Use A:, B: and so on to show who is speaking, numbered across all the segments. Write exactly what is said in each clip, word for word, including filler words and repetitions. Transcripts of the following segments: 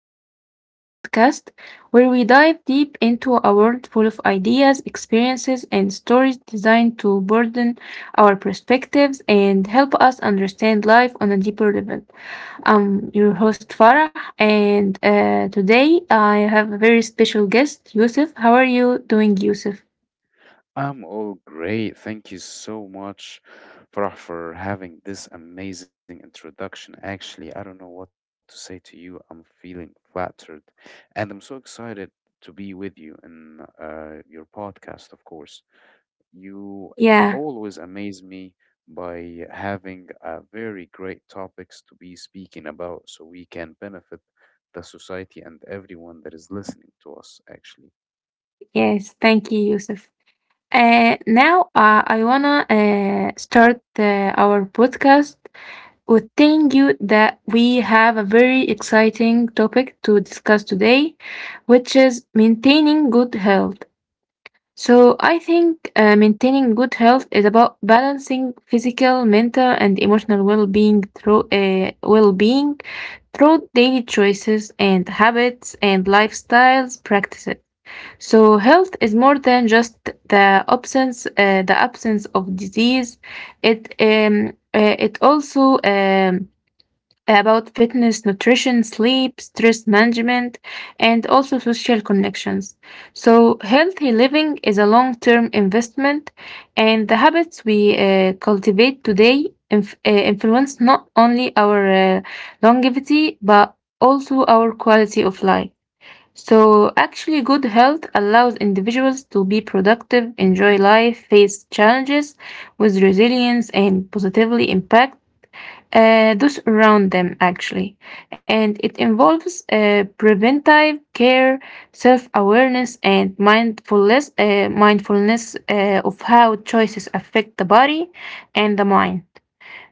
A: episode of our podcast, where we dive deep into a world full of ideas, experiences, and stories designed to broaden our perspectives and help us understand life on a deeper level. I'm your host Farah, and uh, today I have a very special guest, Yusuf. How are you doing, Yusuf?
B: I'm all great. Thank you so much, Farah, for having this amazing introduction. Actually, I don't know what to say to you. I'm feeling flattered, and I'm so excited to be with you in uh, your podcast, of course. You
A: Yeah,
B: always amaze me by having uh, very great topics to be speaking about so we can benefit the society and everyone that is listening to us, actually.
A: yes, thank you, Yusuf. Uh, now uh, I wanna uh, start uh, our podcast with telling you that we have a very exciting topic to discuss today, which is maintaining good health. So, I think uh, maintaining good health is about balancing physical, mental, and emotional well-being through uh, well-being through daily choices and habits and lifestyles practices. So, health is more than just the absence uh, the absence of disease. It um, uh, it also um, about fitness, nutrition, sleep, stress management, and also social connections. So, healthy living is a long term investment, and the habits we uh, cultivate today inf- uh, influence not only our uh, longevity but also our quality of life. So, actually, good health allows individuals to be productive, enjoy life, face challenges with resilience, and positively impact uh, those around them actually and it involves uh, preventive care, self-awareness, and mindfulness uh, mindfulness uh, of how choices affect the body and the mind.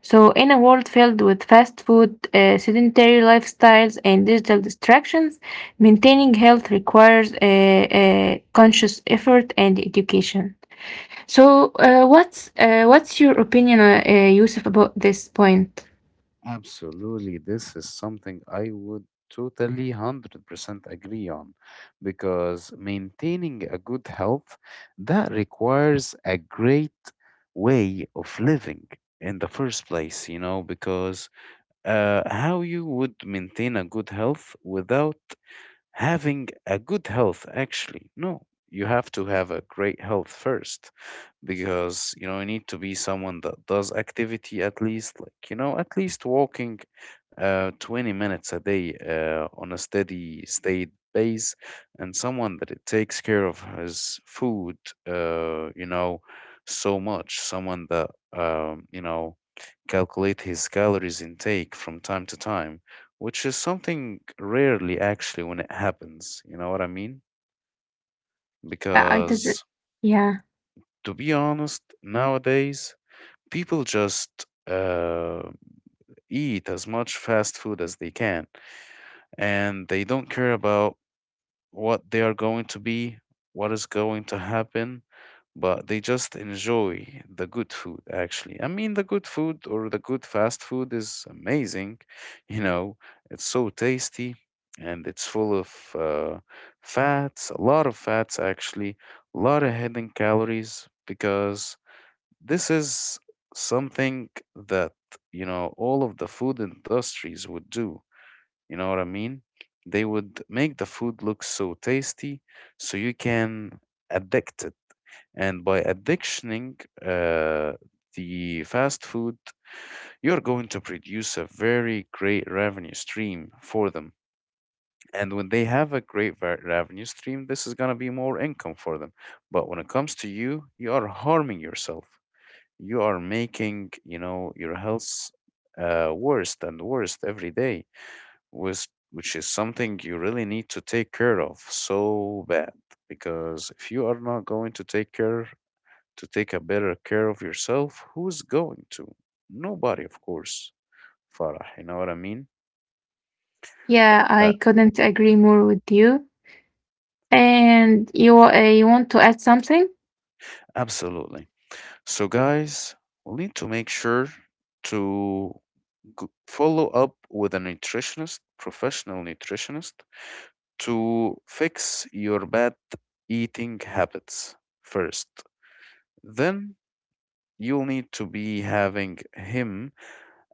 A: So in a world filled with fast food uh, sedentary lifestyles, and digital distractions, maintaining health requires a uh, conscious effort and education. So uh, what's uh, what's your opinion, uh, uh, Yusuf, about this point?
B: Absolutely. This is something I would totally one hundred percent agree on because maintaining a good health that requires a great way of living in the first place, you know, because uh, how you would maintain a good health without having a good health actually, no, you have to have a great health first, because you know you need to be someone that does activity, at least, like, you know, at least walking uh twenty minutes a day, uh, on a steady state base, and someone that it takes care of his food, uh you know, so much, someone that um you know, calculate his calories intake from time to time, which is something rarely actually when it happens. You know what I mean?
A: Yeah, I doesn't.
B: Because
A: Yeah,
B: to be honest, nowadays people just uh, eat as much fast food as they can, and they don't care about what they are going to be, what is going to happen, but they just enjoy the good food. Actually, I mean, the good food or the good fast food is amazing, you know, it's so tasty, and it's full of uh, fats, a lot of fats, actually, a lot of hidden calories, because this is something that, you know, all of the food industries would do. You know what I mean? They would make the food look so tasty so you can addict it. And by addictioning uh, the fast food, you're going to produce a very great revenue stream for them. And when they have a great ver- revenue stream, this is going to be more income for them. But when it comes to you, you are harming yourself. You are making, you know, your health uh, worse and worse every day, which, which is something you really need to take care of so bad. Because if you are not going to take care, to take a better care of yourself, who's going to? Nobody, of course, Farah. You know what I mean?
A: yeah,
B: Uh,
A: I couldn't agree more with you. And you wa- uh, you want to add something?
B: Absolutely. So, guys, we'll need to make sure to g- follow up with a nutritionist, professional nutritionist, to fix your bad eating habits first. Then you'll need to be having him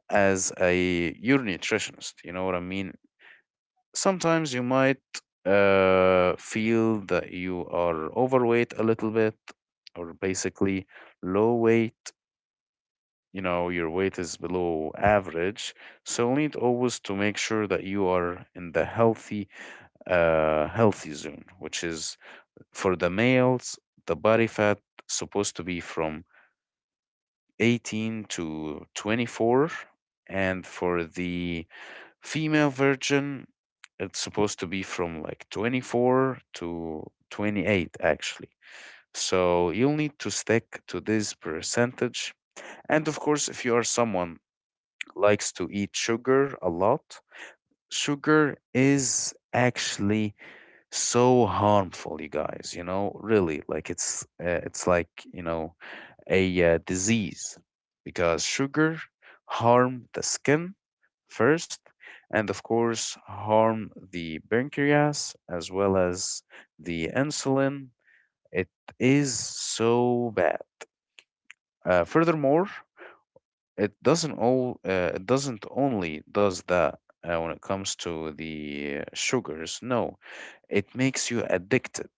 B: as a your nutritionist. You know what I mean? Sometimes you might uh, feel that you are overweight a little bit, or basically low weight. You know, your weight is below average. So you need always to make sure that you are in the healthy, uh, healthy zone, which is, for the males, the body fat supposed to be from eighteen to twenty-four, and for the Female version, it's supposed to be from like twenty-four to twenty-eight, actually. So you'll need to stick to this percentage. And of course, if you are someone likes to eat sugar a lot, sugar is actually so harmful, you guys, you know, really. Like, it's uh, it's like, you know, a uh, disease, because sugar harm the skin first, and of course harm the pancreas as well as the insulin. It is so bad. Uh, furthermore, it doesn't all uh, it doesn't only does that uh, when it comes to the uh, sugars. No, it makes you addicted,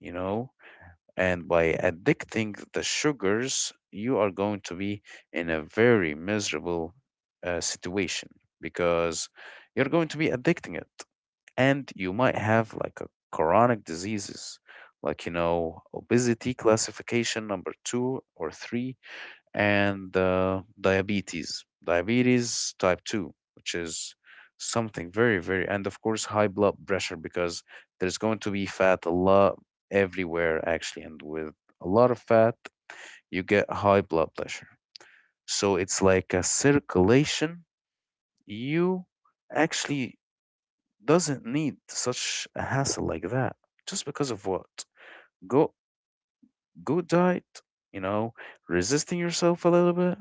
B: you know. And by addicting the sugars, you are going to be in a very miserable uh, situation, because you're going to be addicting it. And you might have like a chronic diseases, like, you know, obesity classification number two or three, and uh, diabetes, diabetes type two, which is something very, very, and of course, high blood pressure, because there's going to be fat a lot everywhere, actually. And with a lot of fat, you get high blood pressure. So it's like a circulation. You actually doesn't need such a hassle like that just because of what? Go, good diet, you know, resisting yourself a little bit.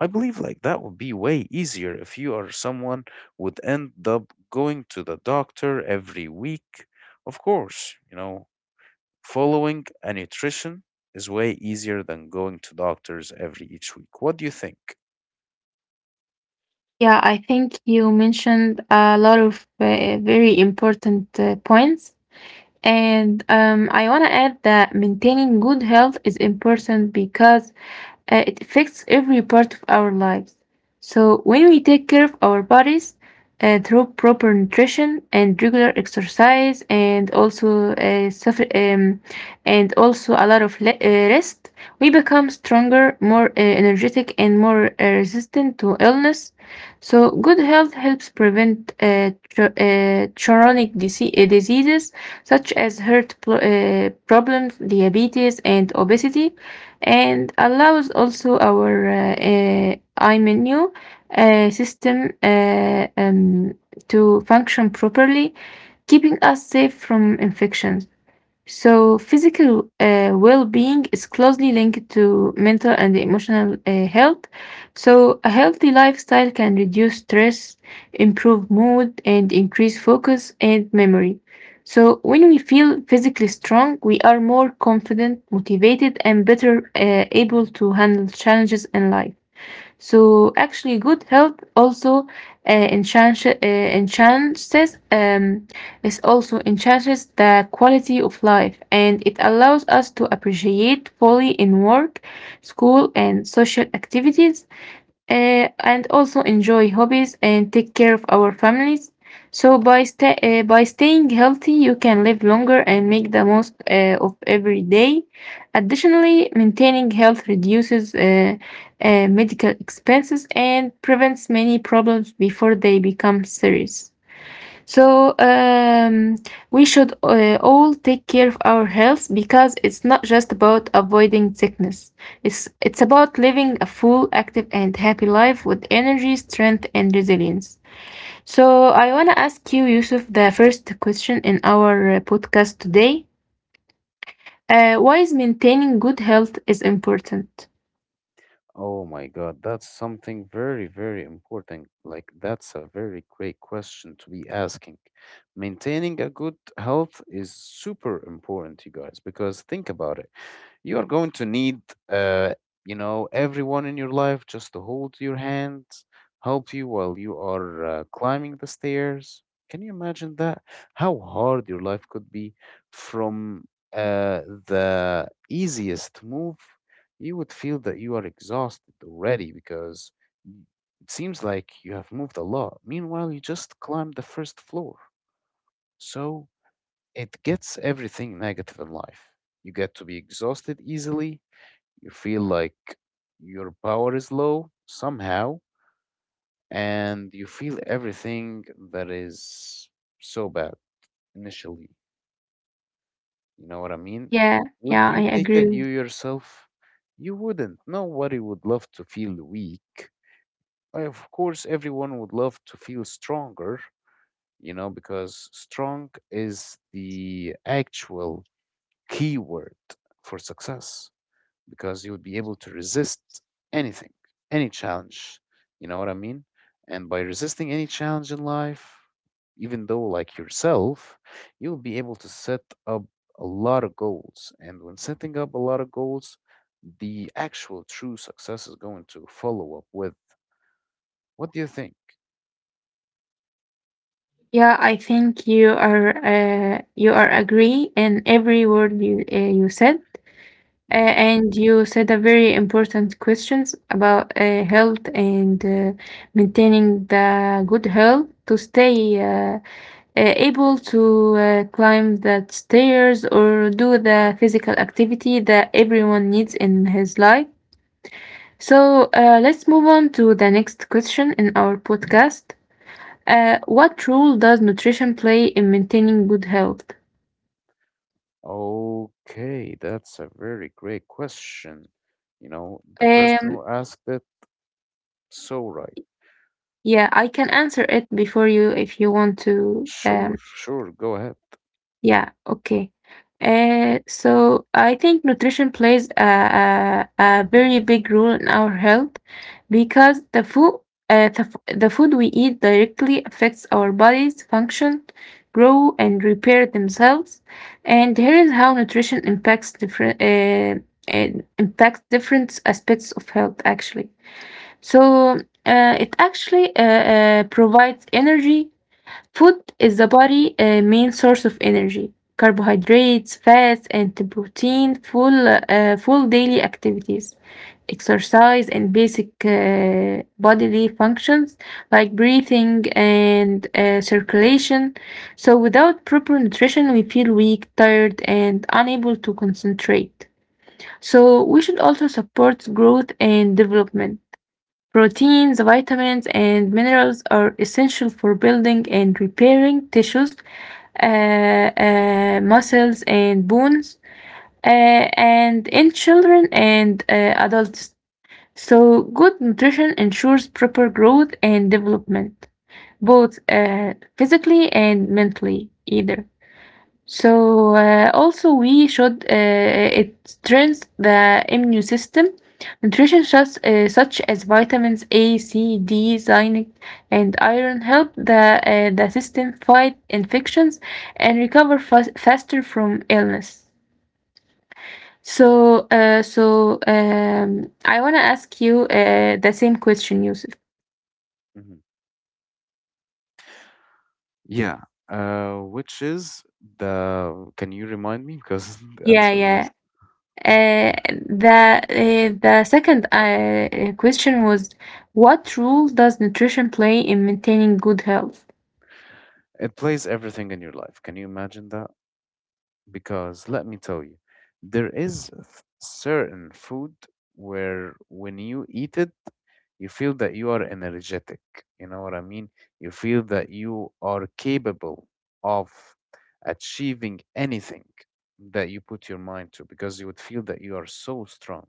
B: I believe like that would be way easier if you are someone would end up going to the doctor every week. Of course, you know, following a nutrition is way easier than going to doctors every each week. What do you think?
A: Yeah, I think you mentioned a lot of uh, very important uh, points. And um, I want to add that maintaining good health is important because uh, it affects every part of our lives. So, when we take care of our bodies uh, through proper nutrition and regular exercise, and also uh, suffer, um, and also a lot of le- uh, rest, we become stronger, more uh, energetic, and more uh, resistant to illness. So, good health helps prevent uh, cho- uh, chronic dise- uh, diseases such as heart pl- uh, problems, diabetes, and obesity, and allows also our uh, uh, iMenu uh, system uh, um, to function properly, keeping us safe from infections. So, physical uh, well being is closely linked to mental and emotional uh, health. So, a healthy lifestyle can reduce stress, improve mood, and increase focus and memory. So, when we feel physically strong, we are more confident, motivated, and better uh, able to handle challenges in life. So actually, good health also uh, enchants, uh, enhances, um, is also enhances the quality of life, and it allows us to appreciate fully in work, school, and social activities, uh, and also enjoy hobbies and take care of our families. So by sta- uh, by staying healthy, you can live longer and make the most uh, of every day. Additionally, maintaining health reduces uh, uh, medical expenses and prevents many problems before they become serious. So um, we should uh, all take care of our health because it's not just about avoiding sickness. It's it's about living a full, active, and happy life with energy, strength, and resilience. So I wanna ask you, Yusuf, the first question in our uh, podcast today. Uh, why is maintaining good health is important?
B: Oh my God, that's something very, very important. Like, that's a very great question to be asking. Maintaining a good health is super important, you guys, because think about it, you are going to need, uh, you know, everyone in your life just to hold your hand, help you while you are uh, climbing the stairs. Can you imagine that? How hard your life could be from, uh, the easiest move, you would feel that you are exhausted already, because y- it seems like you have moved a lot, meanwhile you just climbed the first floor. So it gets everything negative in life. You get to be exhausted easily. You feel like your power is low somehow, and you feel everything that is so bad initially. You know what I mean?
A: Yeah,
B: Would
A: yeah, I
B: you take it
A: agree.
B: you yourself? You wouldn't. Nobody would love to feel weak. Uh, Of course, everyone would love to feel stronger, you know, because strong is the actual key word for success. Because you would be able to resist anything, any challenge. You know what I mean? And by resisting any challenge in life, even though like yourself, you'll be able to set up a lot of goals. And when setting up a lot of goals, the actual true success is going to follow up with, what do you think?
A: Yeah, I think you are uh, you are agree in every word you uh, you said. Uh,
B: Hmm.
A: and you said a very important questions about uh, health and uh, maintaining the good health to stay uh, uh, able to uh, climb the stairs or do the physical activity that everyone needs in his life. So uh, let's move on to the next question in our podcast. Uh, what role does nutrition play in maintaining good health?
B: Okay, that's a very great question. You know, the person
A: Um,
B: who asked it, so right.
A: yeah, I can answer it before you if you want to.
B: Sure,
A: Um,
B: sure, go ahead.
A: Yeah, okay. Uh, so I think nutrition plays a, a, a very big role in our health because the food, uh, the, f- the food we eat directly affects our bodies function, grow, and repair themselves. And here is how nutrition impacts different uh, it impacts different aspects of health actually. So uh, it actually uh, uh, provides energy. Food is the body' uh, main source of energy. Carbohydrates, fats, and protein fuel, uh, fuel daily activities, exercise, and basic uh, bodily functions like breathing and uh, circulation. So, without proper nutrition, we feel weak, tired, and unable to concentrate. So, we should also support growth and development. Proteins, vitamins, and minerals are essential for building and repairing tissues, uh, uh, muscles, and bones, uh, and in children and uh, adults. So, good nutrition ensures proper growth and development, both uh, physically and mentally, either. So uh, also we should uh, uh, it strengthens the immune system. Nutrition such, uh, such as vitamins A, C, D, zinc, and iron help the uh, the system fight infections and recover fas faster from illness. So uh, so um, I wanna ask you uh, the same question, Yusuf.
B: Mm-hmm. Yeah, uh, which is the. Can you remind me? Because the
A: Yeah,
B: answer
A: yeah.
B: was.
A: Uh, the uh, the second uh, question was, what role does nutrition play in maintaining good health?
B: It plays everything in your life. Can you imagine that? Because let me tell you, there is a f- certain food where when you eat it, you feel that you are energetic. You know what I mean? You feel that you are capable of achieving anything that you put your mind to, because you would feel that you are so strong.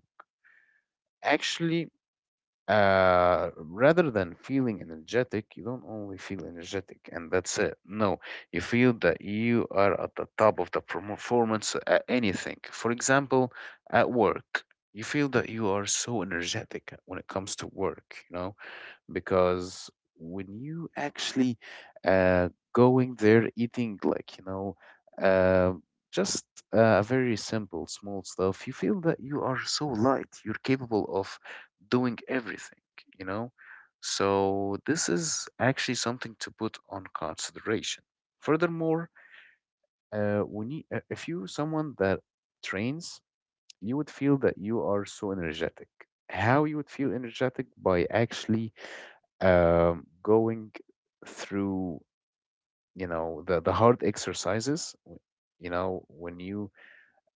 B: Actually, uh, rather than feeling energetic, you don't only feel energetic and that's it. No, you feel that you are at the top of the performance at anything. For example, at work, you feel that you are so energetic when it comes to work, you know? Because when you actually uh, going there eating, like, you know, uh, just uh, a very simple small stuff, you feel that you are so light, you're capable of doing everything, you know. So this is actually something to put on consideration. Furthermore, uh, when you, uh, if you someone that trains, you would feel that you are so energetic. How you would feel energetic by actually um, going through, you know, the the hard exercises w- you know, when you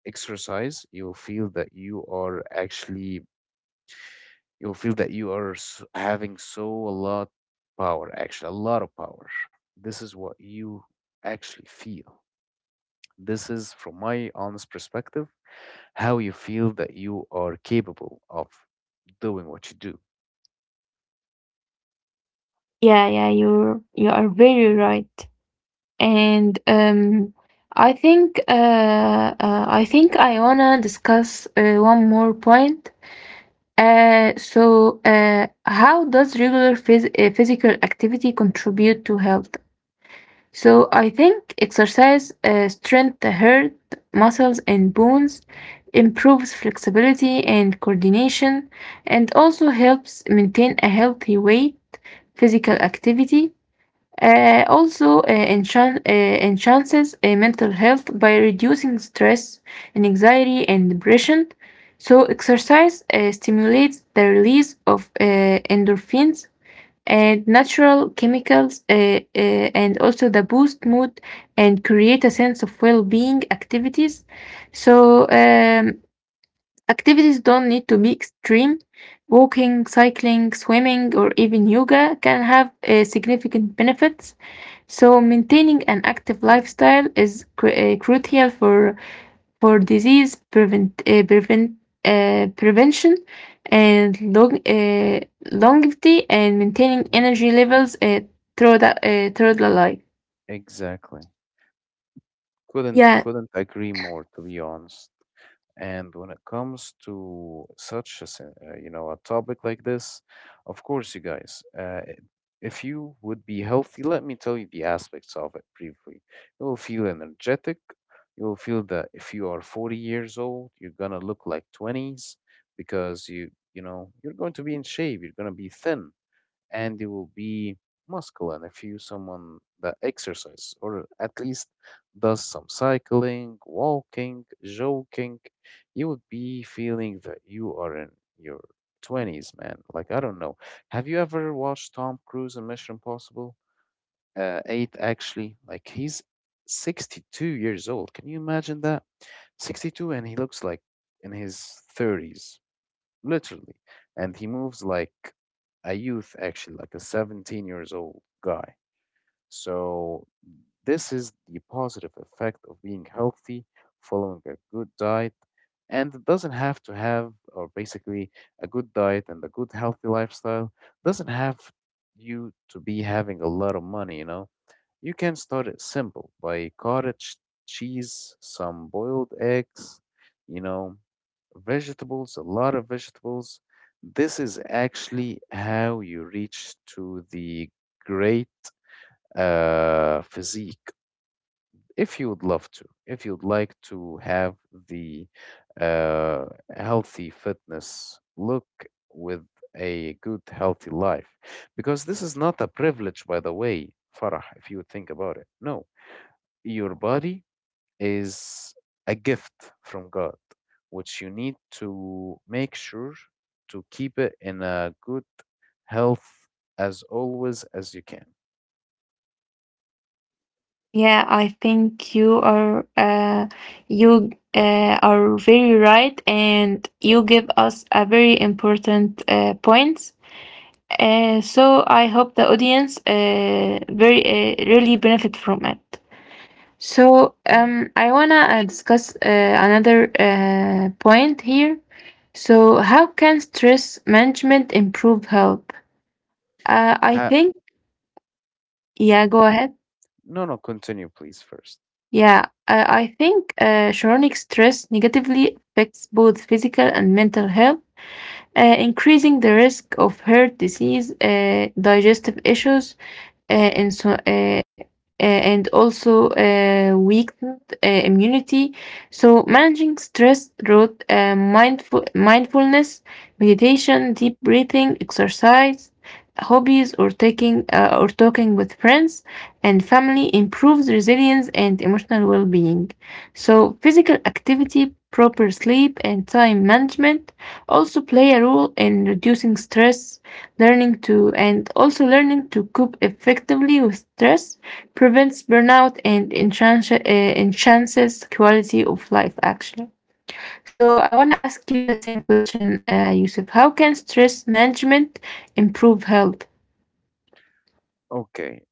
B: exercise, you'll feel that you are actually, you'll feel that you are s- having so a lot power, actually, a lot of power. This is what you actually feel. This is from my honest perspective, how you feel that you are capable of doing what you do.
A: Yeah, yeah, you're you are very right, and um, I think uh, uh I think I wanna discuss uh, one more point. Uh, so uh, how does regular phys- uh, physical activity contribute to health? So I think exercise uh, strengthens the heart, muscles, and bones, improves flexibility and coordination, and also helps maintain a healthy weight. Physical activity uh, also uh, enchan- uh, enhances uh, mental health by reducing stress and anxiety and depression. So exercise uh, stimulates the release of uh, endorphins and natural chemicals, uh, uh, and also the boost mood and create a sense of well-being activities. So um, activities don't need to be extreme. Walking, cycling, swimming, or even yoga can have uh, significant benefits. So maintaining an active lifestyle is cr- uh, crucial for for disease prevent, uh, prevent, uh, prevention and long, uh, longevity and maintaining
B: Mhm.
A: energy levels uh, through, the, uh, through the life.
B: Exactly. couldn't
A: Yeah,
B: couldn't agree more, to be honest. And when it comes to such a, sen- uh, you know, a topic like this, of course, you guys, uh, i- if you would be healthy, let me tell you the aspects of it briefly. You will feel energetic. You will feel that if you are forty years old, you're gonna look like twenties, because you, you know, you're going to be in shape. You're gonna be thin, and you will be muscular. If you someone that exercises, or at least does some cycling, walking, jogging, you would be feeling that you are in your twenties, man. Like, I don't know. Have you ever watched Tom Cruise in Mission Impossible? Uh, eight, actually. Like, he's sixty-two years old. Can you imagine that? sixty-two, and he looks like in his thirties, literally. And he moves like a youth, actually, like a seventeen years old guy. So this is the positive effect of being healthy, following a good diet. And it doesn't have to have, or basically, a good diet and a good healthy lifestyle doesn't have you to be having a lot of money, you know. You can start it simple by cottage cheese, some boiled eggs, you know, vegetables, a lot of vegetables. This is actually how you reach to the great uh, physique. If you would love to, if you'd like to have the uh, healthy fitness look with a good, healthy life, because this is not a privilege, by the way, Farah, if you think about it. No, your body is a gift from God, which you need to make sure to keep it in a good health as always as you can.
A: yeah, I think you are uh, you uh, are very right, and you give us a very important uh, points. Uh, so I hope the audience uh, very uh, really benefit from it. So um, I wanna uh, discuss uh, another uh, point here. So how can stress management improve health? Uh, I
B: Ha-
A: think yeah.
B: Mhm.
A: Go ahead.
B: no, no, continue, please, first.
A: Yeah, uh, I think uh, chronic stress negatively affects both physical and mental health, uh, increasing the risk of heart disease, uh, digestive issues, uh, and so uh, uh, and also uh, weakened uh, immunity. So managing stress through uh, mindful mindfulness, meditation, deep breathing, exercise, hobbies, or taking uh, or talking with friends and family improves resilience and emotional well-being. So physical activity, proper sleep, and time management also play a role in reducing stress. Learning to and also learning to cope effectively with stress prevents burnout and enchance, uh, enhances quality of life, actually. So, I want to ask you the same question, uh, Yusuf. How can stress management improve health?
B: Okay,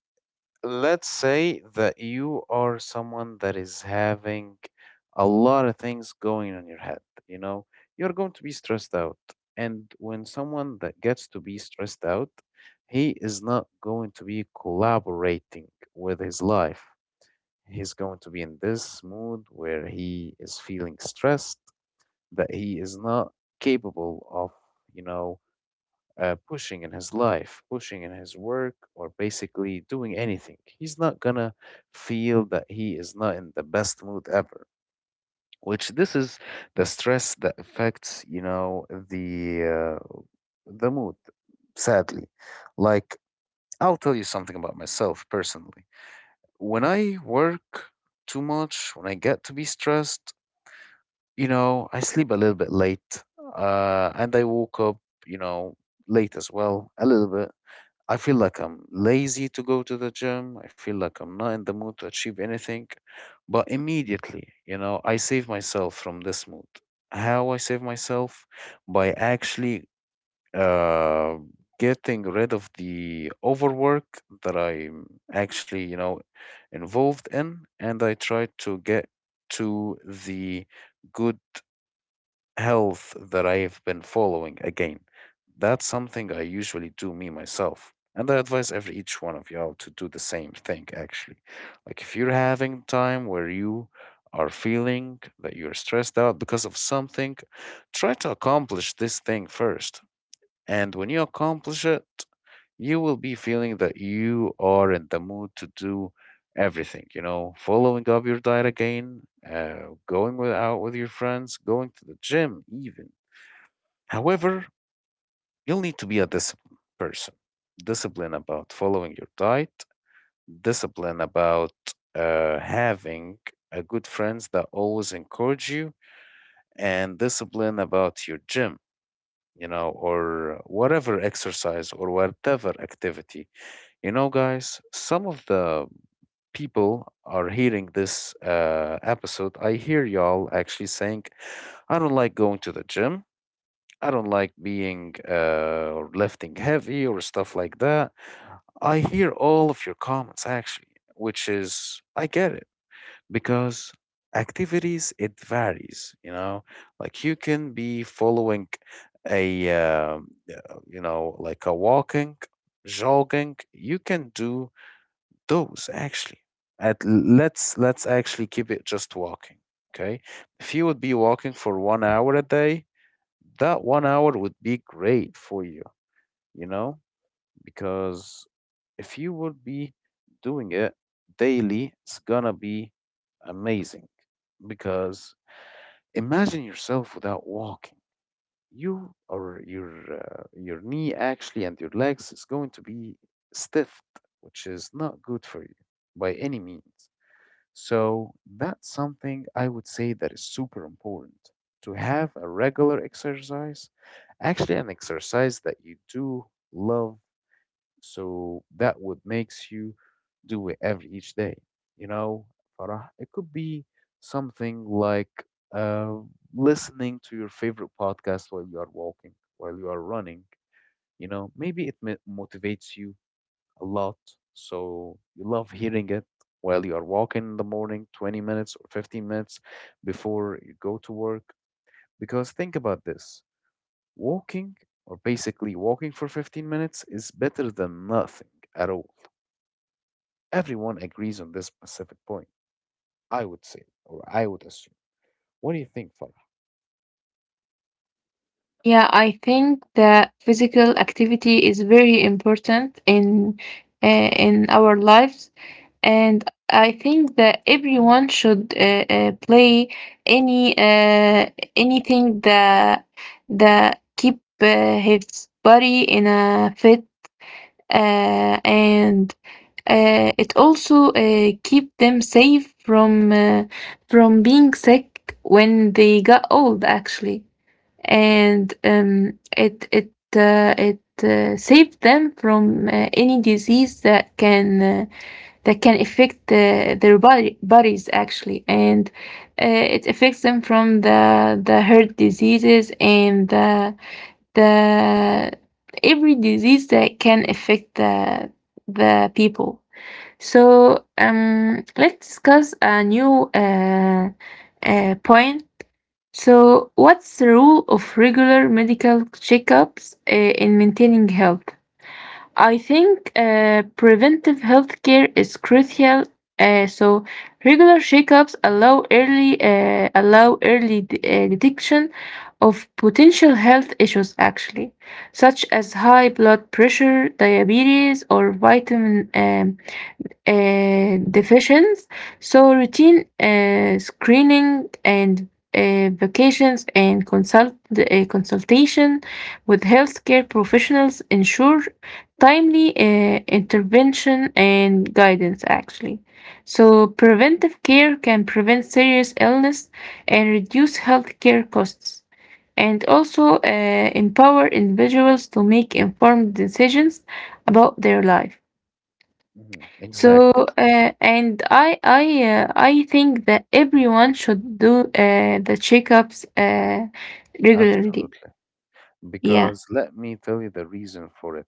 B: let's say that you are someone that is having a lot of things going on your head, you know, you're going to be stressed out. And when someone that gets to be stressed out, he is not going to be collaborating with his life. He's going to be in this mood where he is feeling stressed, that he is not capable of, you know uh, pushing in his life, pushing in his work, or basically doing anything. He's not gonna feel that he is not in the best mood ever. Which this is the stress that affects, you know, the uh, the mood. Sadly, like, I'll tell you something about myself personally. When I work too much, when I get to be stressed, you know, I sleep a little bit late, uh, and I woke up, you know, late as well, a little bit. I feel like I'm lazy to go to the gym. I feel like I'm not in the mood to achieve anything. But immediately, you know, I save myself from this mood. How I save myself? By actually uh, getting rid of the overwork that I'm actually, you know, involved in. And I try to get to the good health that I've been following again. That's something I usually do me myself. And I advise every each one of y'all to do the same thing actually. Like if you're having time where you are feeling that you're stressed out because of something, try to accomplish this thing first. And when you accomplish it, you will be feeling that you are in the mood to do everything, you know, following up your diet again, uh, going with, out with your friends, going to the gym, even. However, you'll need to be a disciplined person. Discipline about following your diet, discipline about uh, having a good friends that always encourage you, and discipline about your gym, you know, or whatever exercise or whatever activity. You know, guys, some of the people are hearing this uh, episode. I hear y'all actually saying, I don't like going to the gym. I don't like being uh, or lifting heavy or stuff like that. I hear all of your comments actually, which is, I get it, because activities, it varies, you know, like you can be following a, um, uh, you know, like a walking, jogging. You can do those actually at, let's let's actually keep it just walking. Okay, if you would be walking for one hour a day, that one hour would be great for you, you know, because if you would be doing it daily, it's gonna be amazing. Because imagine yourself without walking, you or your uh, your knee actually and your legs is going to be stiff, which is not good for you by any means. So that's something I would say that is super important, to have a regular exercise, actually an exercise that you do love, so that would makes you do it every each day. You know, Farah, it could be something like uh, listening to your favorite podcast while you are walking, while you are running. You know, maybe it mi- motivates you a lot. So you love hearing it while you are walking in the morning, twenty minutes or fifteen minutes before you go to work. Because think about this walking, or basically walking for fifteen minutes, is better than nothing at all. Everyone agrees on this specific point, I would say, or I would assume. What do you think, Farah?
A: Yeah, I think that physical activity is very important in uh, in our lives. And I think that everyone should uh, uh, play any uh, anything that that keep uh, his body in a fit uh, and uh, it also uh, keep them safe from uh, from being sick when they got old actually, and um, it it uh, it uh, saved them from uh, any disease that can uh, that can affect the, their body, bodies actually, and uh, it affects them from the the heart diseases and the the every disease that can affect the the people. So um, let's discuss a new uh, uh, point. So, what's the role of regular medical checkups uh, in maintaining health? I think uh, preventive healthcare is crucial. Uh, so regular checkups allow early uh, allow early de- uh, detection of potential health issues, actually, such as high blood pressure, diabetes, or vitamin um, uh, divisions. So, routine uh, screening and uh, vacations and consult uh, consultation with healthcare professionals ensure timely uh, intervention and guidance. Actually, so preventive care can prevent serious illness and reduce healthcare costs. And also uh, empower individuals to make informed decisions about their life.
B: Mhm.
A: So,
B: Exactly.
A: uh, and I I uh, I think that everyone should do uh, the checkups uh, regularly.
B: Absolutely.
A: Yeah.
B: Because let me tell you the reason for it.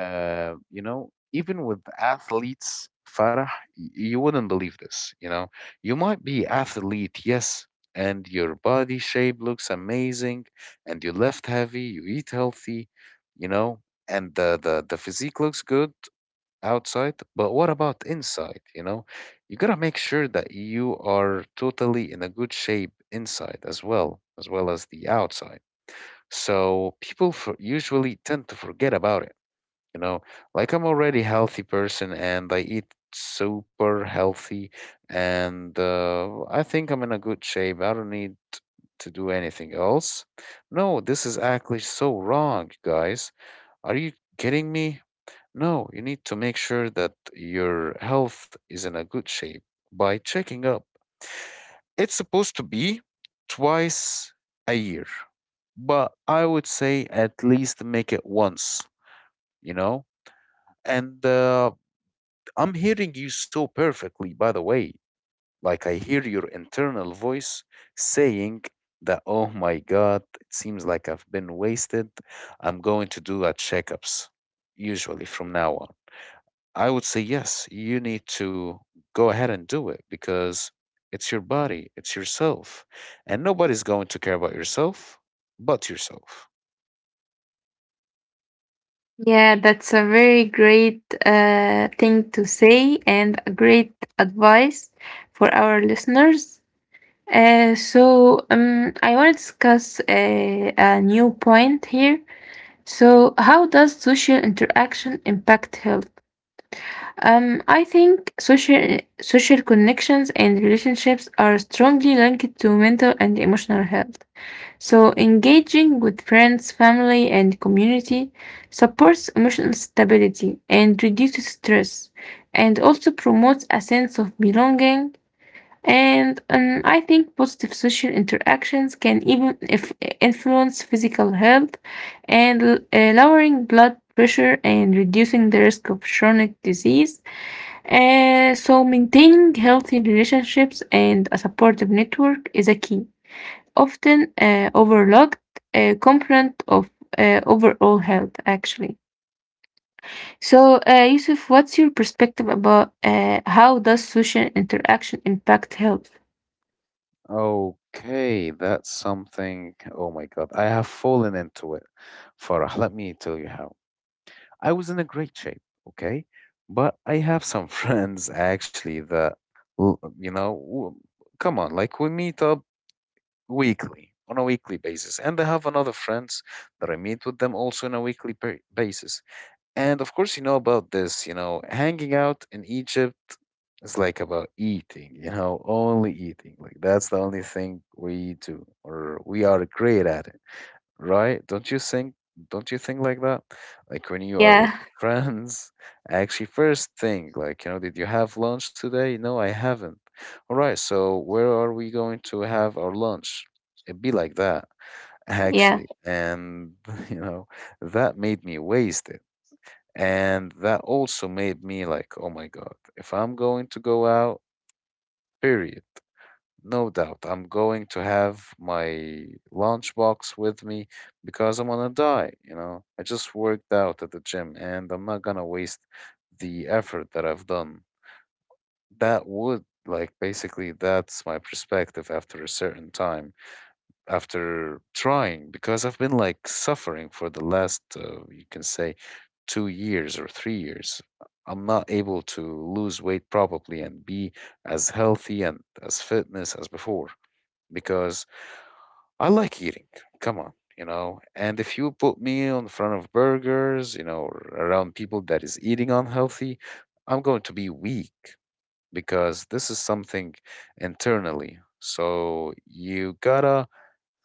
B: uh, You know, even with athletes, Farah, y- you wouldn't believe this. You know, you might be athlete, yes, and your body shape looks amazing, and you lift heavy, you eat healthy, you know, and the the, the physique looks good outside. But what about inside? You know, you gotta make sure that you are totally in a good shape inside as well as well as the outside. So people for, usually tend to forget about it, you know. Like, I'm already healthy person and I eat super healthy, and uh, I think I'm in a good shape. I don't need to do anything else. No, this is actually so wrong, guys. Are you kidding me? No, you need to make sure that your health is in a good shape by checking up. It's supposed to be twice a year, but I would say at least make it once, you know? And uh, I'm hearing you so perfectly, by the way. Like, I hear your internal voice saying that, oh my God, it seems like I've been wasted. I'm going to do a checkups usually from now on. I would say, yes, you need to go ahead and do it, because it's your body, it's yourself. And nobody's going to care about yourself but yourself.
A: Yeah, that's a very great uh, thing to say and a great advice for our listeners. Uh, so, um, I want to discuss a, a new point here. So, how does social interaction impact health? Um, I think social social connections and relationships are strongly linked to mental and emotional health. So engaging with friends, family, and community supports emotional stability and reduces stress, and also promotes a sense of belonging. And um, I think positive social interactions can even if influence physical health and uh, lowering blood pressure and reducing the risk of chronic disease. Uh, so maintaining healthy relationships and a supportive network is a key, often uh, overlooked uh, component of uh, overall health, actually. So, uh, Yusuf, what's your perspective about uh, how does social interaction impact health?
B: Okay, that's something. Oh my God, I have fallen into it. Farah, let me tell you how. I was in a great shape, okay? But I have some friends actually that, l- you know, w- come on, like we meet up weekly, on a weekly basis. And I have another friends that I meet with them also on a weekly ba- basis. And of course, you know about this, you know, hanging out in Egypt is like about eating, you know, only eating. Like that's the only thing we do or we are great at it, right? Don't you think don't you think like that? Like when you are with
A: Yeah.
B: your friends, actually first thing, like, you know, did you have lunch today? No, I haven't. All right, so where are we going to have our lunch? It'd be like that,
A: Yeah,
B: actually. And you know, that made me wasted, and that also made me like, oh my God, if I'm going to go out, period, no doubt, I'm going to have my lunchbox with me, because I'm gonna die, you know. I just worked out at the gym and I'm not gonna waste the effort that I've done. That would like basically that's my perspective after a certain time, after trying, because I've been like suffering for the last, uh, you can say, two years or three years. I'm not able to lose weight probably and be as healthy and as fitness as before, because I like eating. Come on, you know. And if you put me in front of burgers, you know, or around people that is eating unhealthy, I'm going to be weak, because this is something internally. So you gotta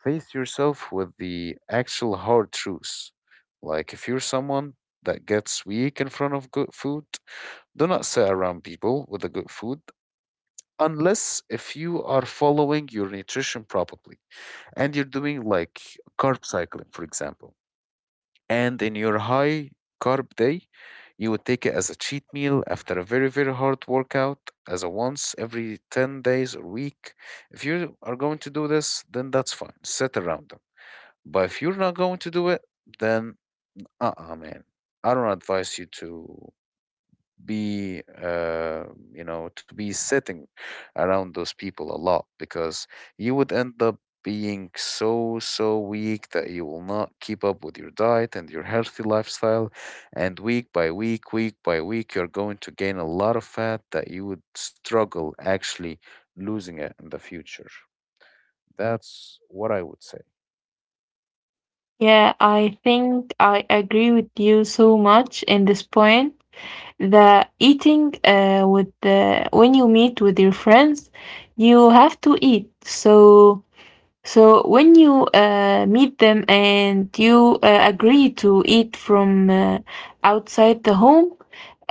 B: face yourself with the actual hard truths. Like if you're someone that gets weak in front of good food, do not sit around people with the good food, unless if you are following your nutrition properly and you're doing like carb cycling, for example. And in your high carb day, you would take it as a cheat meal after a very, very hard workout, as a once every ten days or week. If you are going to do this, then that's fine. Sit around them. But if you're not going to do it, then uh-uh, man. I don't advise you to be, uh, you know, to be sitting around those people a lot, because you would end up being so, so weak that you will not keep up with your diet and your healthy lifestyle. And week by week, week by week, you're going to gain a lot of fat that you would struggle actually losing it in the future. That's what I would say.
A: yeah, I think I agree with you so much in this point that eating uh, with the, when you meet with your friends, you have to eat. So so when you uh, meet them and you uh, agree to eat from uh, outside the home,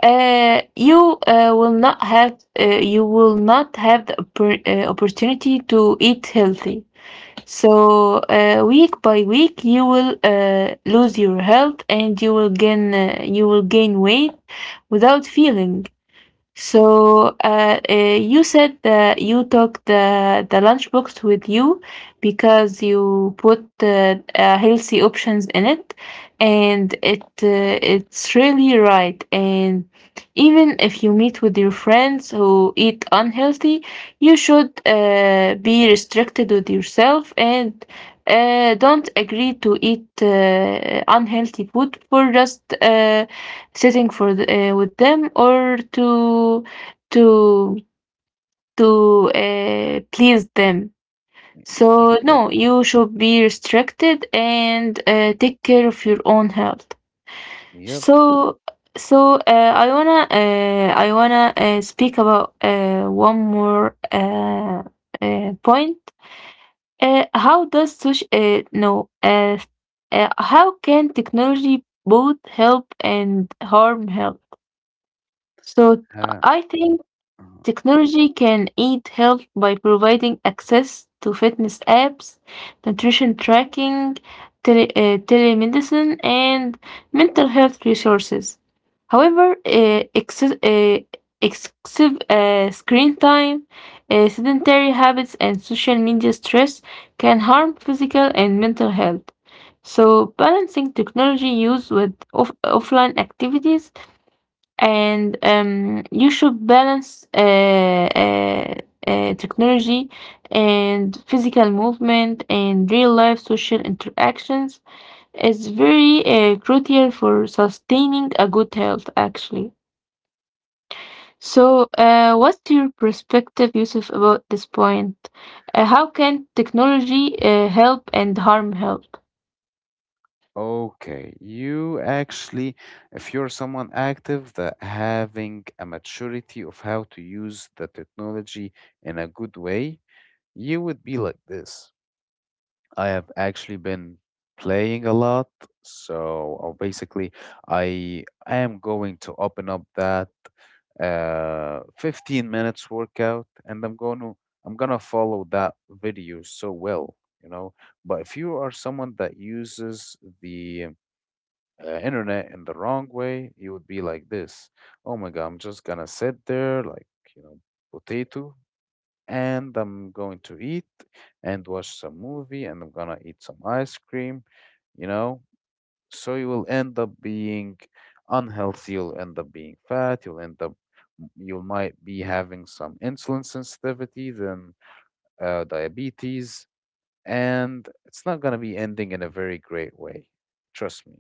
A: uh, you uh, will not have uh, you will not have the oppor- uh, opportunity to eat healthy. So, uh, week by week, you will uh, lose your health and you will gain uh, you will gain weight without feeling. So uh, uh, you said that you took the the lunchbox with you because you put uh, uh, healthy options in it, and it uh, it's really right. And even if you meet with your friends who eat unhealthy, you should uh, be restricted with yourself and uh, don't agree to eat uh, unhealthy food for just uh, sitting for the, uh, with them or to to to uh, please them. So
B: Exactly.
A: no, you should be restricted and uh, take care of your own health.
B: Yep.
A: So so uh, I wanna uh, I wanna uh, speak about uh, one more uh, uh, point. Uh, how does social uh, no uh, uh, How can technology both help and harm health? So I think
B: Uh-huh.
A: technology can aid health by providing access to fitness apps, nutrition tracking, tele- uh, telemedicine, and mental health resources. However, uh, exce- uh, excessive uh, screen time, uh, sedentary habits, and social media stress can harm physical and mental health. So, balancing technology use with off- offline activities and um, you should balance uh, uh, uh, technology and physical movement and real life social interactions is very uh, crucial for sustaining a good health, actually. So, uh, what's your perspective, Yusuf, about this point? Uh, how can technology uh, help and harm health?
B: Okay, you actually, if you're someone active, that having a maturity of how to use the technology in a good way, you would be like this. I have actually been playing a lot, so uh, basically, I I am going to open up that uh fifteen minutes workout, and I'm going to I'm gonna follow that video so well, you know. But if you are someone that uses the uh, internet in the wrong way, you would be like this. Oh my God, I'm just gonna sit there like, you know, potato, and I'm going to eat and watch some movie, and I'm gonna eat some ice cream, you know? So you will end up being unhealthy, you'll end up being fat, you'll end up, you might be having some insulin sensitivity, then uh, diabetes, and it's not going to be ending in a very great way, trust me,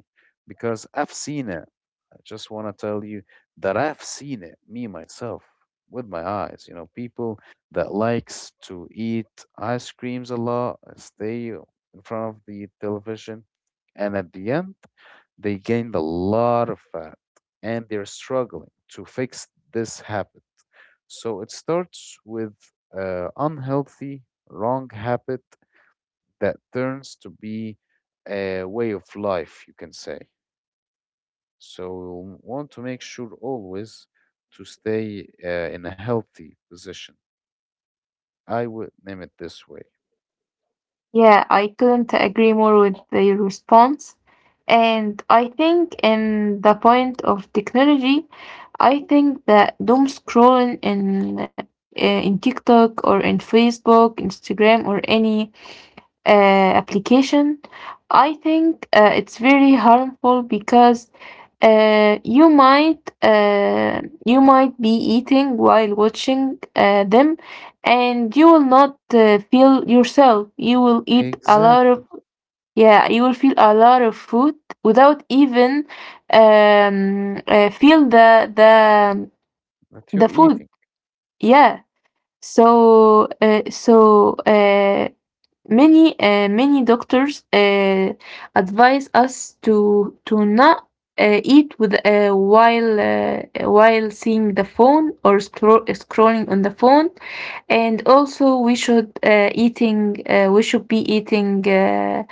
B: because I've seen it. I just want to tell you that I've seen it me myself with my eyes, you know, people that likes to eat ice creams a lot, stay in front of the television, and at the end, they gained a lot of fat, and they're struggling to fix this habit. So it starts with uh, unhealthy wrong habit that turns to be a way of life, you can say. So we want to make sure always to stay uh, in a healthy position. I would name it this way.
A: Yeah, I couldn't agree more with the response. And I think in the point of technology, I think that doom scrolling in uh, in TikTok or in Facebook, Instagram, or any uh, application, I think uh, it's very harmful because uh, you might uh, you might be eating while watching uh, them, and you will not uh, feel yourself. You will eat a lot
B: Exactly.
A: of, yeah. You will feel a lot of food without even um, uh, feel the the
B: That you're
A: the food.
B: eating,
A: Yeah. So, uh, so uh, many uh, many doctors uh, advise us to to not uh, eat with uh, while uh, while seeing the phone or scroll, scrolling on the phone, and also we should uh, eating uh, we should be eating, uh,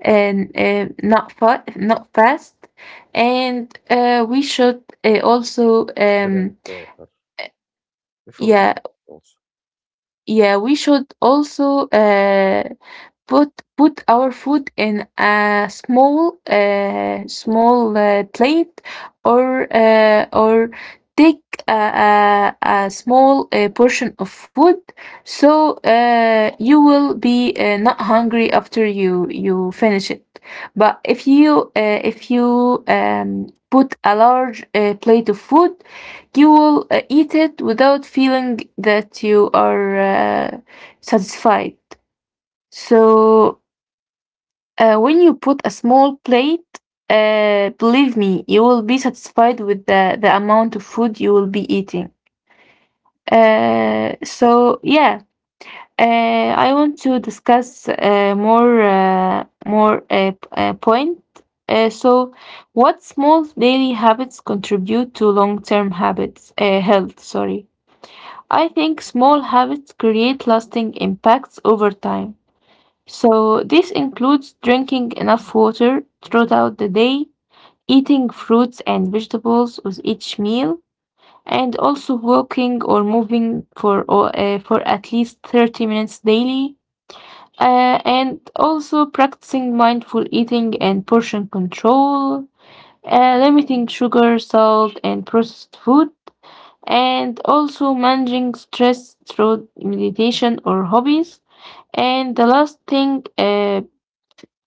A: and uh, not fa- not fast, and uh, we should uh, also,
B: drink
A: um,
B: water before eating
A: yeah.
B: also.
A: Yeah, we should also uh, put put our food in a small, uh, small uh, plate or uh, or take a, a, a small uh, portion of food, so uh, you will be uh, not hungry after you you finish it. But if you, uh, if you um, put a large uh, plate of food, you will uh, eat it without feeling that you are uh, satisfied. So uh, when you put a small plate, uh, believe me, you will be satisfied with the, the amount of food you will be eating. Uh, so yeah, uh, I want to discuss uh, more uh, more uh, p- uh, point. Uh, so, what small daily habits contribute to long-term habits uh, health? Sorry, I think small habits create lasting impacts over time. So, this includes drinking enough water throughout the day, eating fruits and vegetables with each meal, and also walking or moving for, or, uh, for at least thirty minutes daily, uh, and also practicing mindful eating and portion control, uh, limiting sugar, salt, and processed food, and also managing stress through meditation or hobbies. And the last thing, uh,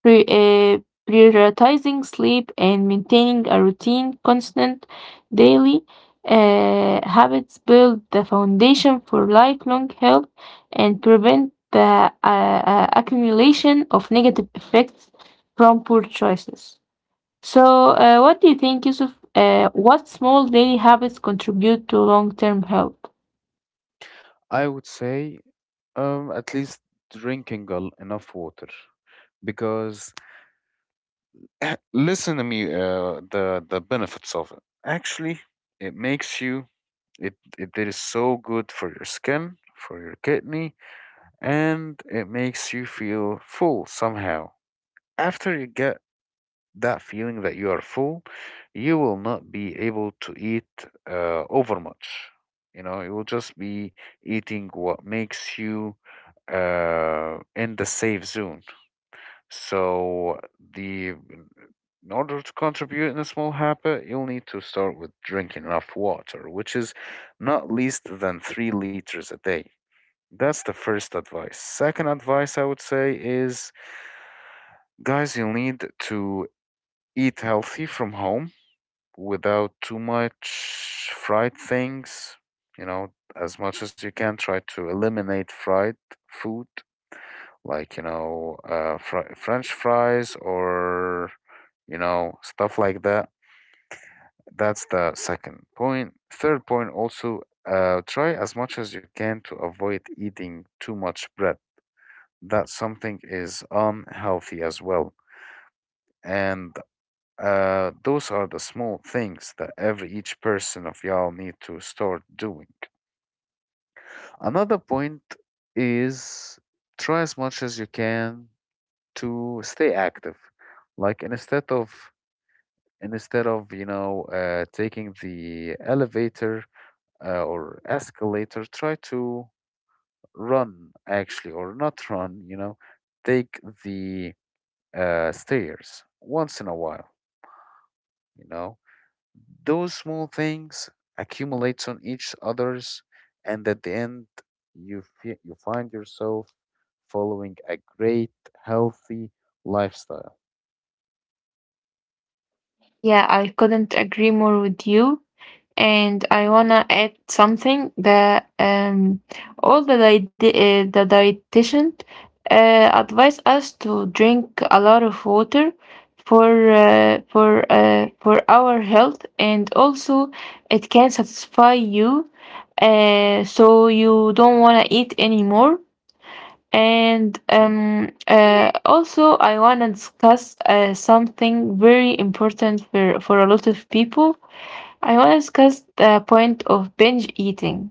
A: pri- uh, prioritizing sleep and maintaining a routine. Constant daily uh, habits build the foundation for lifelong health and prevent the uh, uh, accumulation of negative effects from poor choices. So, uh, what do you think, Yusuf? Uh, what small daily habits contribute to long term health?
B: I would say um, at least drinking al- enough water because listen to me, uh, the the benefits of it. Actually, it makes you. It it it is so good for your skin, for your kidney, and it makes you feel full somehow. After you get that feeling that you are full, you will not be able to eat uh, overmuch. You know, you will just be eating what makes you uh, in the safe zone. So the, in order to contribute in a small habit, you'll need to start with drinking enough water, which is not least than three liters a day. That's the first advice. Second advice I would say is, guys, you'll need to eat healthy from home without too much fried things. You know, as much as you can, try to eliminate fried food, like, you know, uh, fr- french fries or, you know, stuff like that. That's the second point. Point third point also, uh, try as much as you can to avoid eating too much bread. That something is unhealthy as well. And uh, those are the small things that every each person of y'all need to start doing. Another point is, try as much as you can to stay active. Like, instead of instead of you know, uh, taking the elevator, uh, or escalator, try to run, actually, or not run, you know, take the uh, stairs once in a while, you know. Those small things accumulates on each others, and at the end, you fe you find yourself following a great healthy lifestyle.
A: Yeah, I couldn't agree more with you. And I wanna add something, that um, all the diet- uh, the dietitian uh, advise us to drink a lot of water for uh, for uh, for our health, and also it can satisfy you, uh, so you don't wanna eat anymore. And um, uh, also, I wanna discuss uh, something very important for for a lot of people. I want to discuss the point of binge eating.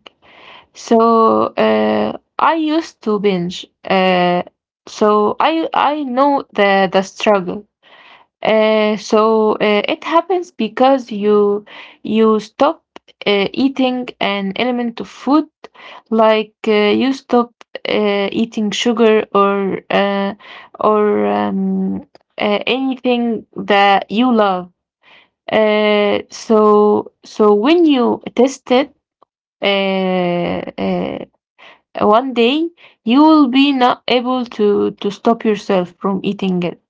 A: So, uh, I used to binge. Uh, so I I know the the struggle. Uh, so uh, it happens because you you stop uh, eating an element of food, like uh, you stop uh, eating sugar or uh, or um, uh, anything that you love. Uh, so so when you test it, uh, uh, one day, you will be not able to to stop yourself from eating it,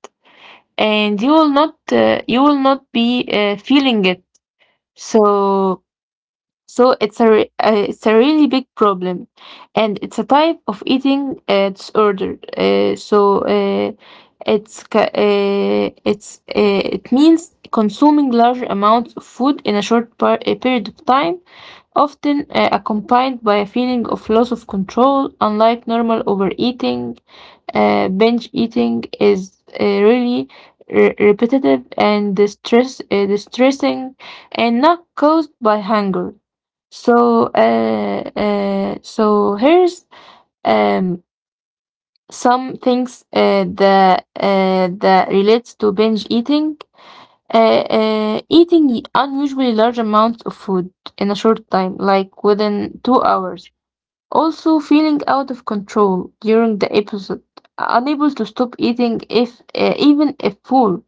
A: and you will not uh, you will not be uh, feeling it. So so it's a re- uh, it's a really big problem, and it's a type of eating uh, disorder. Uh, so uh, it's ca- uh, it's, uh, it means consuming large amounts of food in a short par- a period of time, often uh, accompanied by a feeling of loss of control. Unlike normal overeating, uh, binge eating is uh, really re- repetitive and distress uh, distressing, and not caused by hunger. So, uh, uh, so here's, um some things uh, that uh, that relates to binge eating. Uh, uh, eating unusually large amounts of food in a short time, like within two hours. Also, feeling out of control during the episode, unable to stop eating if uh, even if full,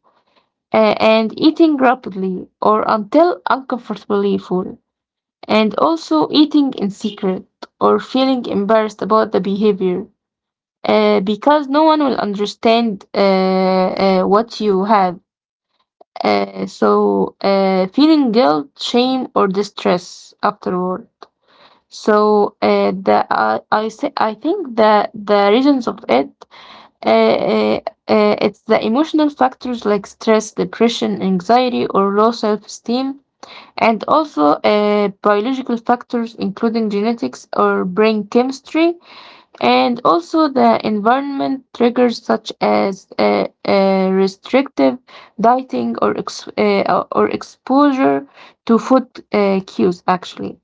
A: uh, and eating rapidly or until uncomfortably full, and also eating in secret or feeling embarrassed about the behavior, uh, because no one will understand uh, uh, what you have. Uh, so, uh, feeling guilt, shame, or distress afterward. So, uh, the, I I, say, I think that the reasons of it, uh, uh, uh, it's the emotional factors like stress, depression, anxiety, or low self-esteem, and also uh, biological factors, including genetics or brain chemistry, and also the environment triggers such as uh, uh, restrictive dieting or ex- uh, or exposure to food uh, cues, actually.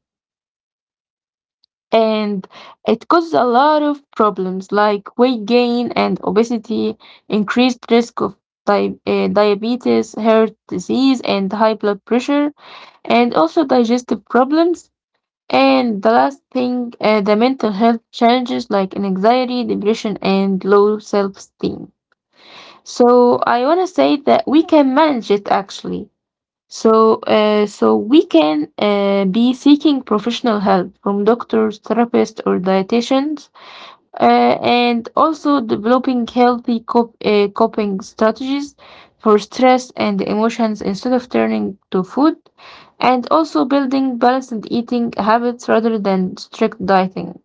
A: And it causes a lot of problems like weight gain and obesity, increased risk of di- uh, diabetes, heart disease, and high blood pressure, and also digestive problems, and the last thing, uh, the mental health challenges like anxiety, depression, and low self esteem. So I want to say that we can manage it, actually. So, uh, so we can uh, be seeking professional help from doctors, therapists, or dietitians, uh, and also developing healthy cop- uh, coping strategies for stress and emotions instead of turning to food, and also building balanced eating habits rather than strict dieting.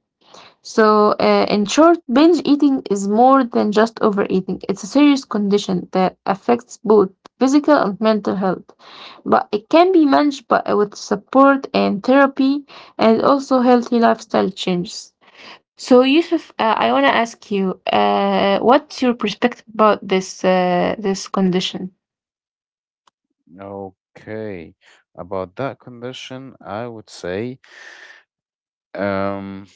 A: So, uh, in short, binge eating is more than just overeating. It's a serious condition that affects both physical and mental health. But it can be managed by, with support and therapy, and also healthy lifestyle changes. So, Yusuf, uh, I want to ask you, uh, what's your perspective about this uh, this condition?
B: Okay, about that condition, I would say, um,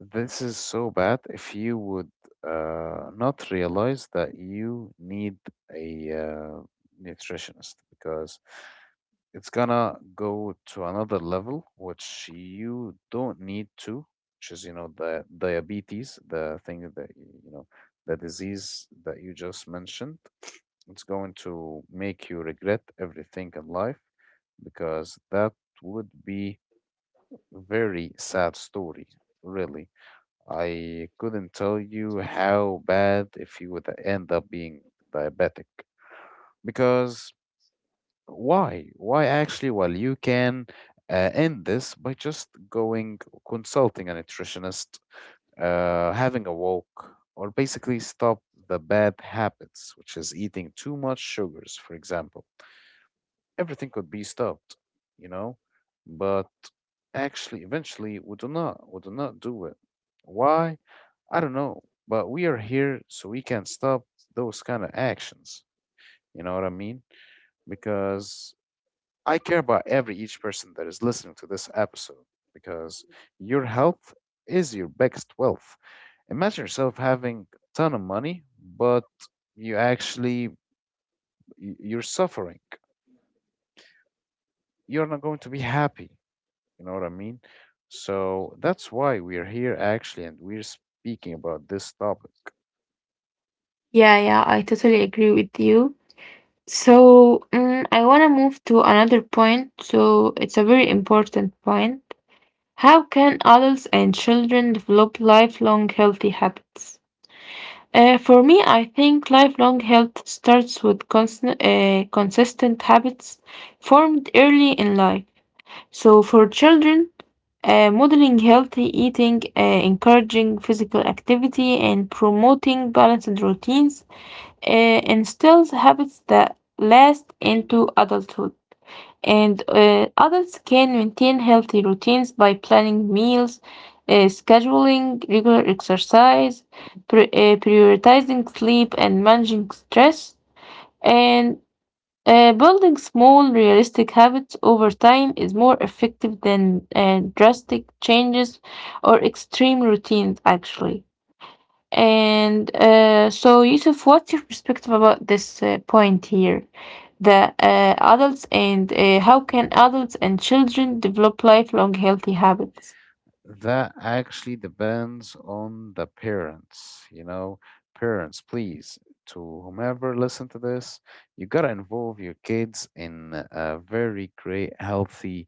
B: this is so bad if you would uh, not realize that you need a uh, nutritionist, because it's gonna go to another level, which you don't need to, which is, you know, the diabetes, the thing that, you know, the disease that you just mentioned. It's going to make you regret everything in life because that would be very sad story, really. I couldn't tell you how bad if you would end up being diabetic, because why? Why actually? Well, you can uh, end this by just going consulting a nutritionist, uh, having a walk, or basically stop the bad habits, which is eating too much sugars, for example. Everything could be stopped, you know, but actually, eventually, we do not, we do not do it. Why? I don't know, but we are here so we can stop those kind of actions. You know what I mean? Because I care about every each person that is listening to this episode, because your health is your biggest wealth. Imagine yourself having a ton of money, but you actually, y- you're suffering. You're not going to be happy. You know what I mean? So that's why we're here actually, and we're speaking about this topic.
A: Yeah, yeah, I totally agree with you. So, mm, I want to move to another point. So, it's a very important point. How can adults and children develop lifelong healthy habits? Uh, for me, I think lifelong health starts with constant, uh, consistent habits formed early in life. So, for children, uh, modeling healthy eating, uh, encouraging physical activity, and promoting balanced routines uh, instills habits that last into adulthood, and uh, adults can maintain healthy routines by planning meals, uh, scheduling regular exercise, pri- uh, prioritizing sleep, and managing stress. And uh, building small, realistic habits over time is more effective than uh, drastic changes or extreme routines, actually. And uh, so, Yusuf, what's your perspective about this uh, point here? The uh, adults, and uh, how can adults and children develop lifelong healthy habits?
B: That actually depends on the parents, you know. Parents, please, to whomever listen to this, you gotta involve your kids in a very great, healthy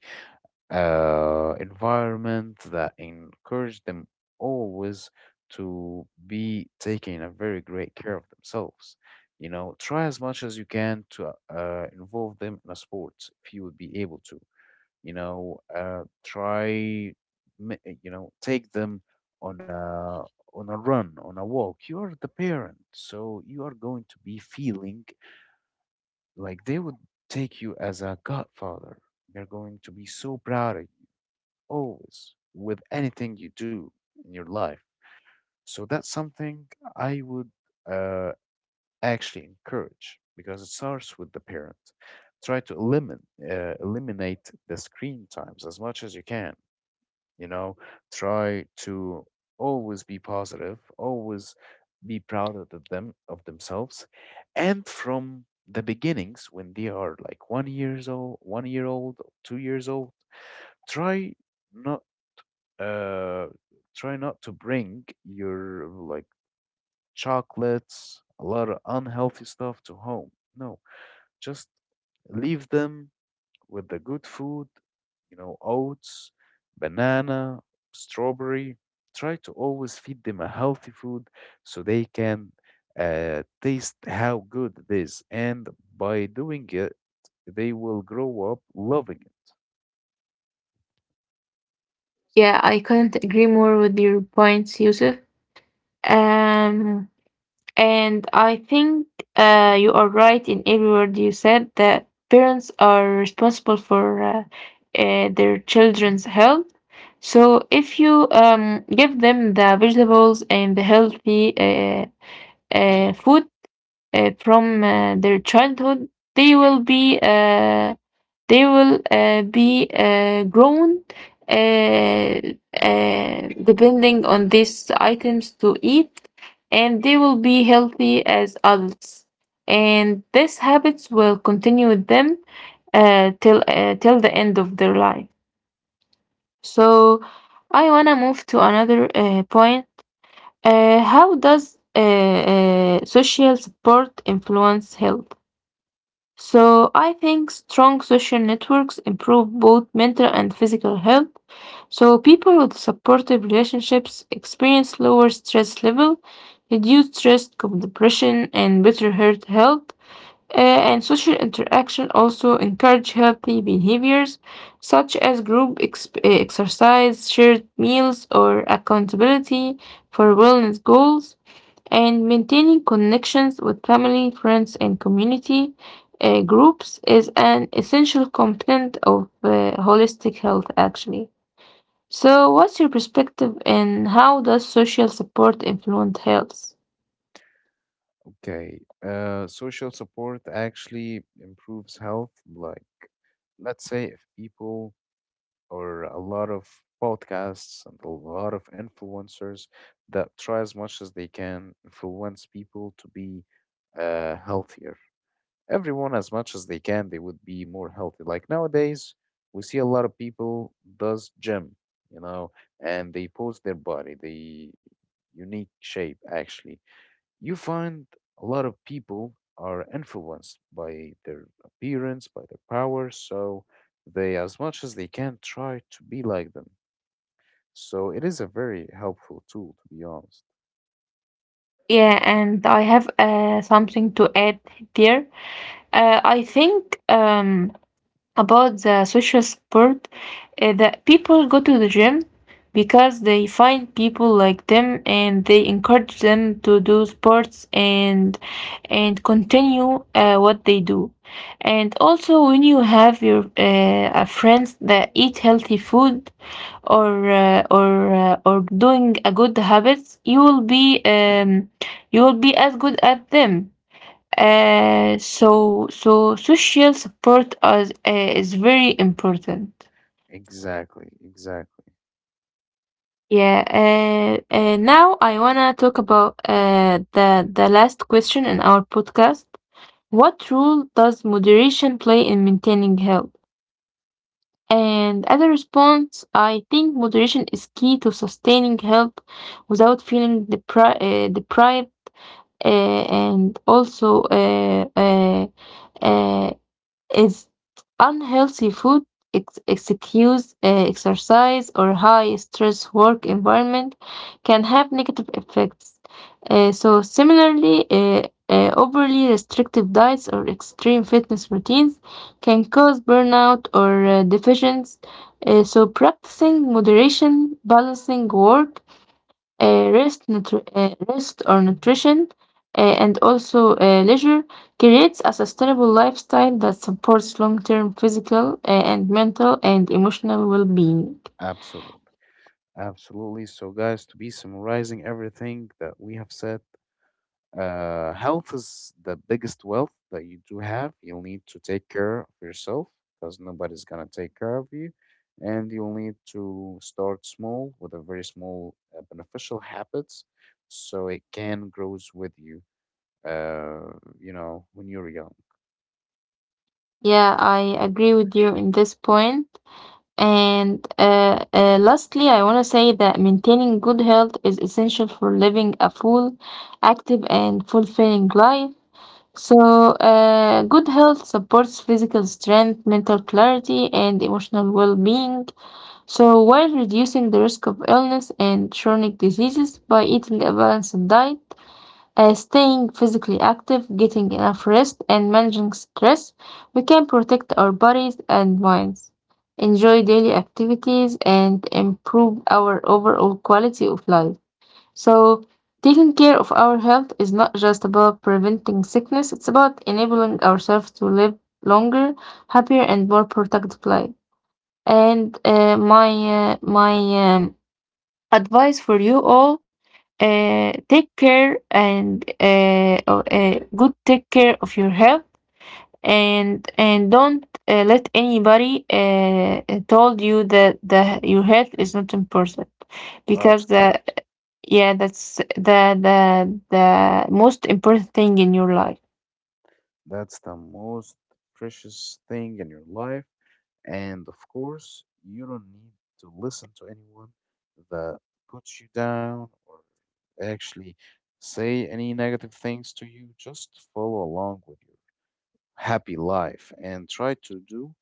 B: uh, environment that encourage them always to be taking a very great care of themselves. You know, try as much as you can to uh, involve them in a sport if you would be able to, you know, uh, try ma- eh, you know, take them on a, on a run, on a walk. You are the parent, so you are going to be feeling like they would take you as a godfather. They're going to be so proud of you always with anything you do in your life. So that's something I would, uh, actually encourage, because it starts with the parent. Try to eliminate uh, eliminate the screen times as much as you can, you know. Try to always be positive, always be proud of the- them, of themselves. And from the beginnings when they are like one years old, one year old, two years old, try not, uh try not to bring your, like, chocolates, a lot of unhealthy stuff to home. No, just leave them with the good food, you know, oats, banana, strawberry. Try to always feed them a healthy food so they can uh, taste how good it is. And by doing it, they will grow up loving it.
A: Yeah, I couldn't agree more with your points, Yusuf. Um, And I think uh, you are right in every word you said, that parents are responsible for uh, uh, their children's health. So if you um, give them the vegetables and the healthy uh, uh, food uh, from uh, their childhood, they will be uh, they will uh, be uh, grown uh, uh, depending on these items to eat, and they will be healthy as adults. And these habits will continue with them uh, till uh, till the end of their life. So I wanna move to another uh, point. Uh, how does uh, uh, social support influence health? So I think strong social networks improve both mental and physical health. So people with supportive relationships experience lower stress level, reduced risk of depression and better heart health. Uh, and social interaction also encourage healthy behaviors such as group exp- uh, exercise, shared meals, or accountability for wellness goals, and maintaining connections with family, friends, and community uh, groups is an essential component of uh, holistic health, actually. So, what's your perspective and how does social support influence health?
B: Okay. Uh, social support actually improves health. Like, let's say if people, or a lot of podcasts and a lot of influencers, that try as much as they can influence people to be uh, healthier. Everyone, as much as they can, they would be more healthy. Like nowadays, we see a lot of people does gym, you know, and they post their body, the unique shape. Actually, you find a lot of people are influenced by their appearance, by their power, so they, as much as they can, try to be like them. So it is a very helpful tool, to be honest.
A: Yeah, and I have uh, something to add there. Uh, I think um, about the social support uh, that people go to the gym because they find people like them and they encourage them to do sports, and and continue uh, what they do. And also, when you have your uh, uh, friends that eat healthy food or uh, or uh, or doing a good habits, you will be um, you will be as good at them. Uh, so so social support is, uh, is very important.
B: Exactly, exactly.
A: Yeah. Uh, uh, now I wanna talk about uh, the the last question in our podcast. What role does moderation play in maintaining health? And as a response, I think moderation is key to sustaining health without feeling depri- uh, deprived, uh, and also uh, uh, uh, Is unhealthy food, ex- excuse uh, exercise, or high stress work environment can have negative effects. Uh, so, similarly, uh, uh, overly restrictive diets or extreme fitness routines can cause burnout or uh, deficiency. Uh, so, practicing moderation, balancing work, uh, rest, nutri- uh, rest or nutrition, uh, and also uh, leisure, creates a sustainable lifestyle that supports long term physical uh, and mental and emotional well being.
B: Absolutely, absolutely. So, guys, to be summarizing everything that we have said: Uh, health is the biggest wealth that you do have. You'll need to take care of yourself because nobody's gonna take care of you, and you'll need to start small with a very small uh, beneficial habits, so it can grows with you. Uh, you know, when you're young.
A: Yeah, I agree with you in this point. And uh, uh, lastly, I want to say that maintaining good health is essential for living a full, active, and fulfilling life. So, uh, good health supports physical strength, mental clarity, and emotional well being. So, while reducing the risk of illness and chronic diseases by eating a balanced diet, uh, staying physically active, getting enough rest, and managing stress, we can protect our bodies and minds, enjoy daily activities, and improve our overall quality of life. So, taking care of our health is not just about preventing sickness, it's about enabling ourselves to live longer, happier, and more productive lives. And uh, my uh, my um, advice for you all: uh, take care and uh, o- uh, good take care of your health, and and don't uh, let anybody uh, uh, told you that the your health is not important, because
B: Absolutely.
A: the yeah, that's the the the most important thing in your life.
B: That's the most precious thing in your life. And of course, you don't need to listen to anyone that puts you down, or actually say any negative things to you. Just follow along with your happy life and try to do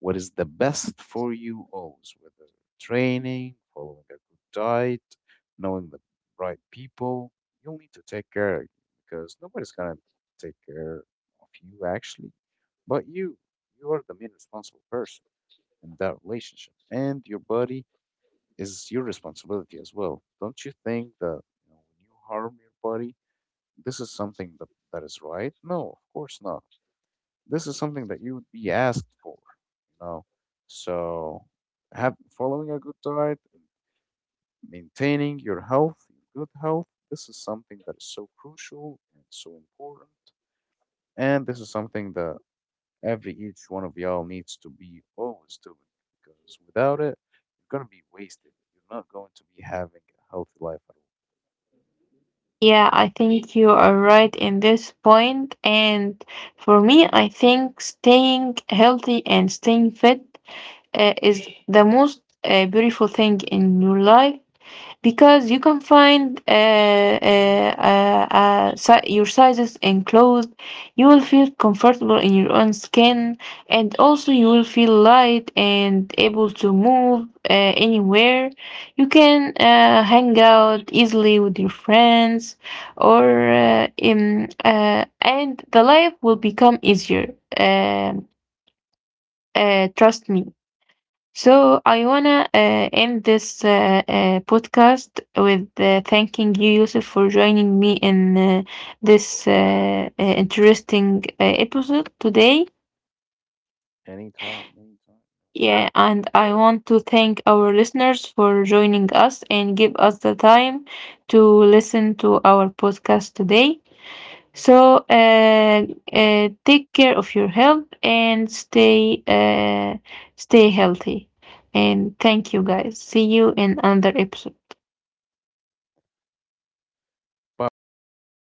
B: what is the best for you always, whether training, following a good diet, knowing the right people. You'll need to take care of you, because nobody's going to take care of you actually, but you. You are the main responsible person in that relationship. And your body is your responsibility as well. Don't you think that, you know, when you harm your body, this is something that, that is right? No, of course not. This is something that you would be asked for, you know. So, have following a good diet, maintaining your health, your good health. This is something that is so crucial and so important, and this is something that every each one of y'all needs to be always doing, because without it, you're gonna be wasted. You're not going to be having a healthy life at all.
A: Yeah, I think you are right in this point. And for me, I think staying healthy and staying fit uh, is the most uh, beautiful thing in your life because you can find uh, uh, uh, uh, si- your sizes and clothes. You will feel comfortable in your own skin, and also you will feel light and able to move uh, anywhere. You can uh, hang out easily with your friends, or uh, in, uh, and the life will become easier. Um uh, trust me. So I wanna uh, end this uh, uh, podcast with uh, thanking you, Yusuf, for joining me in uh, this uh, uh, interesting uh, episode today.
B: Anytime, anytime, no worries.
A: Yeah, and I want to thank our listeners for joining us and give us the time to listen to our podcast today. So uh, uh, take care of your health and stay uh, stay healthy. And thank you guys. See you in another episode.
B: Bye bye.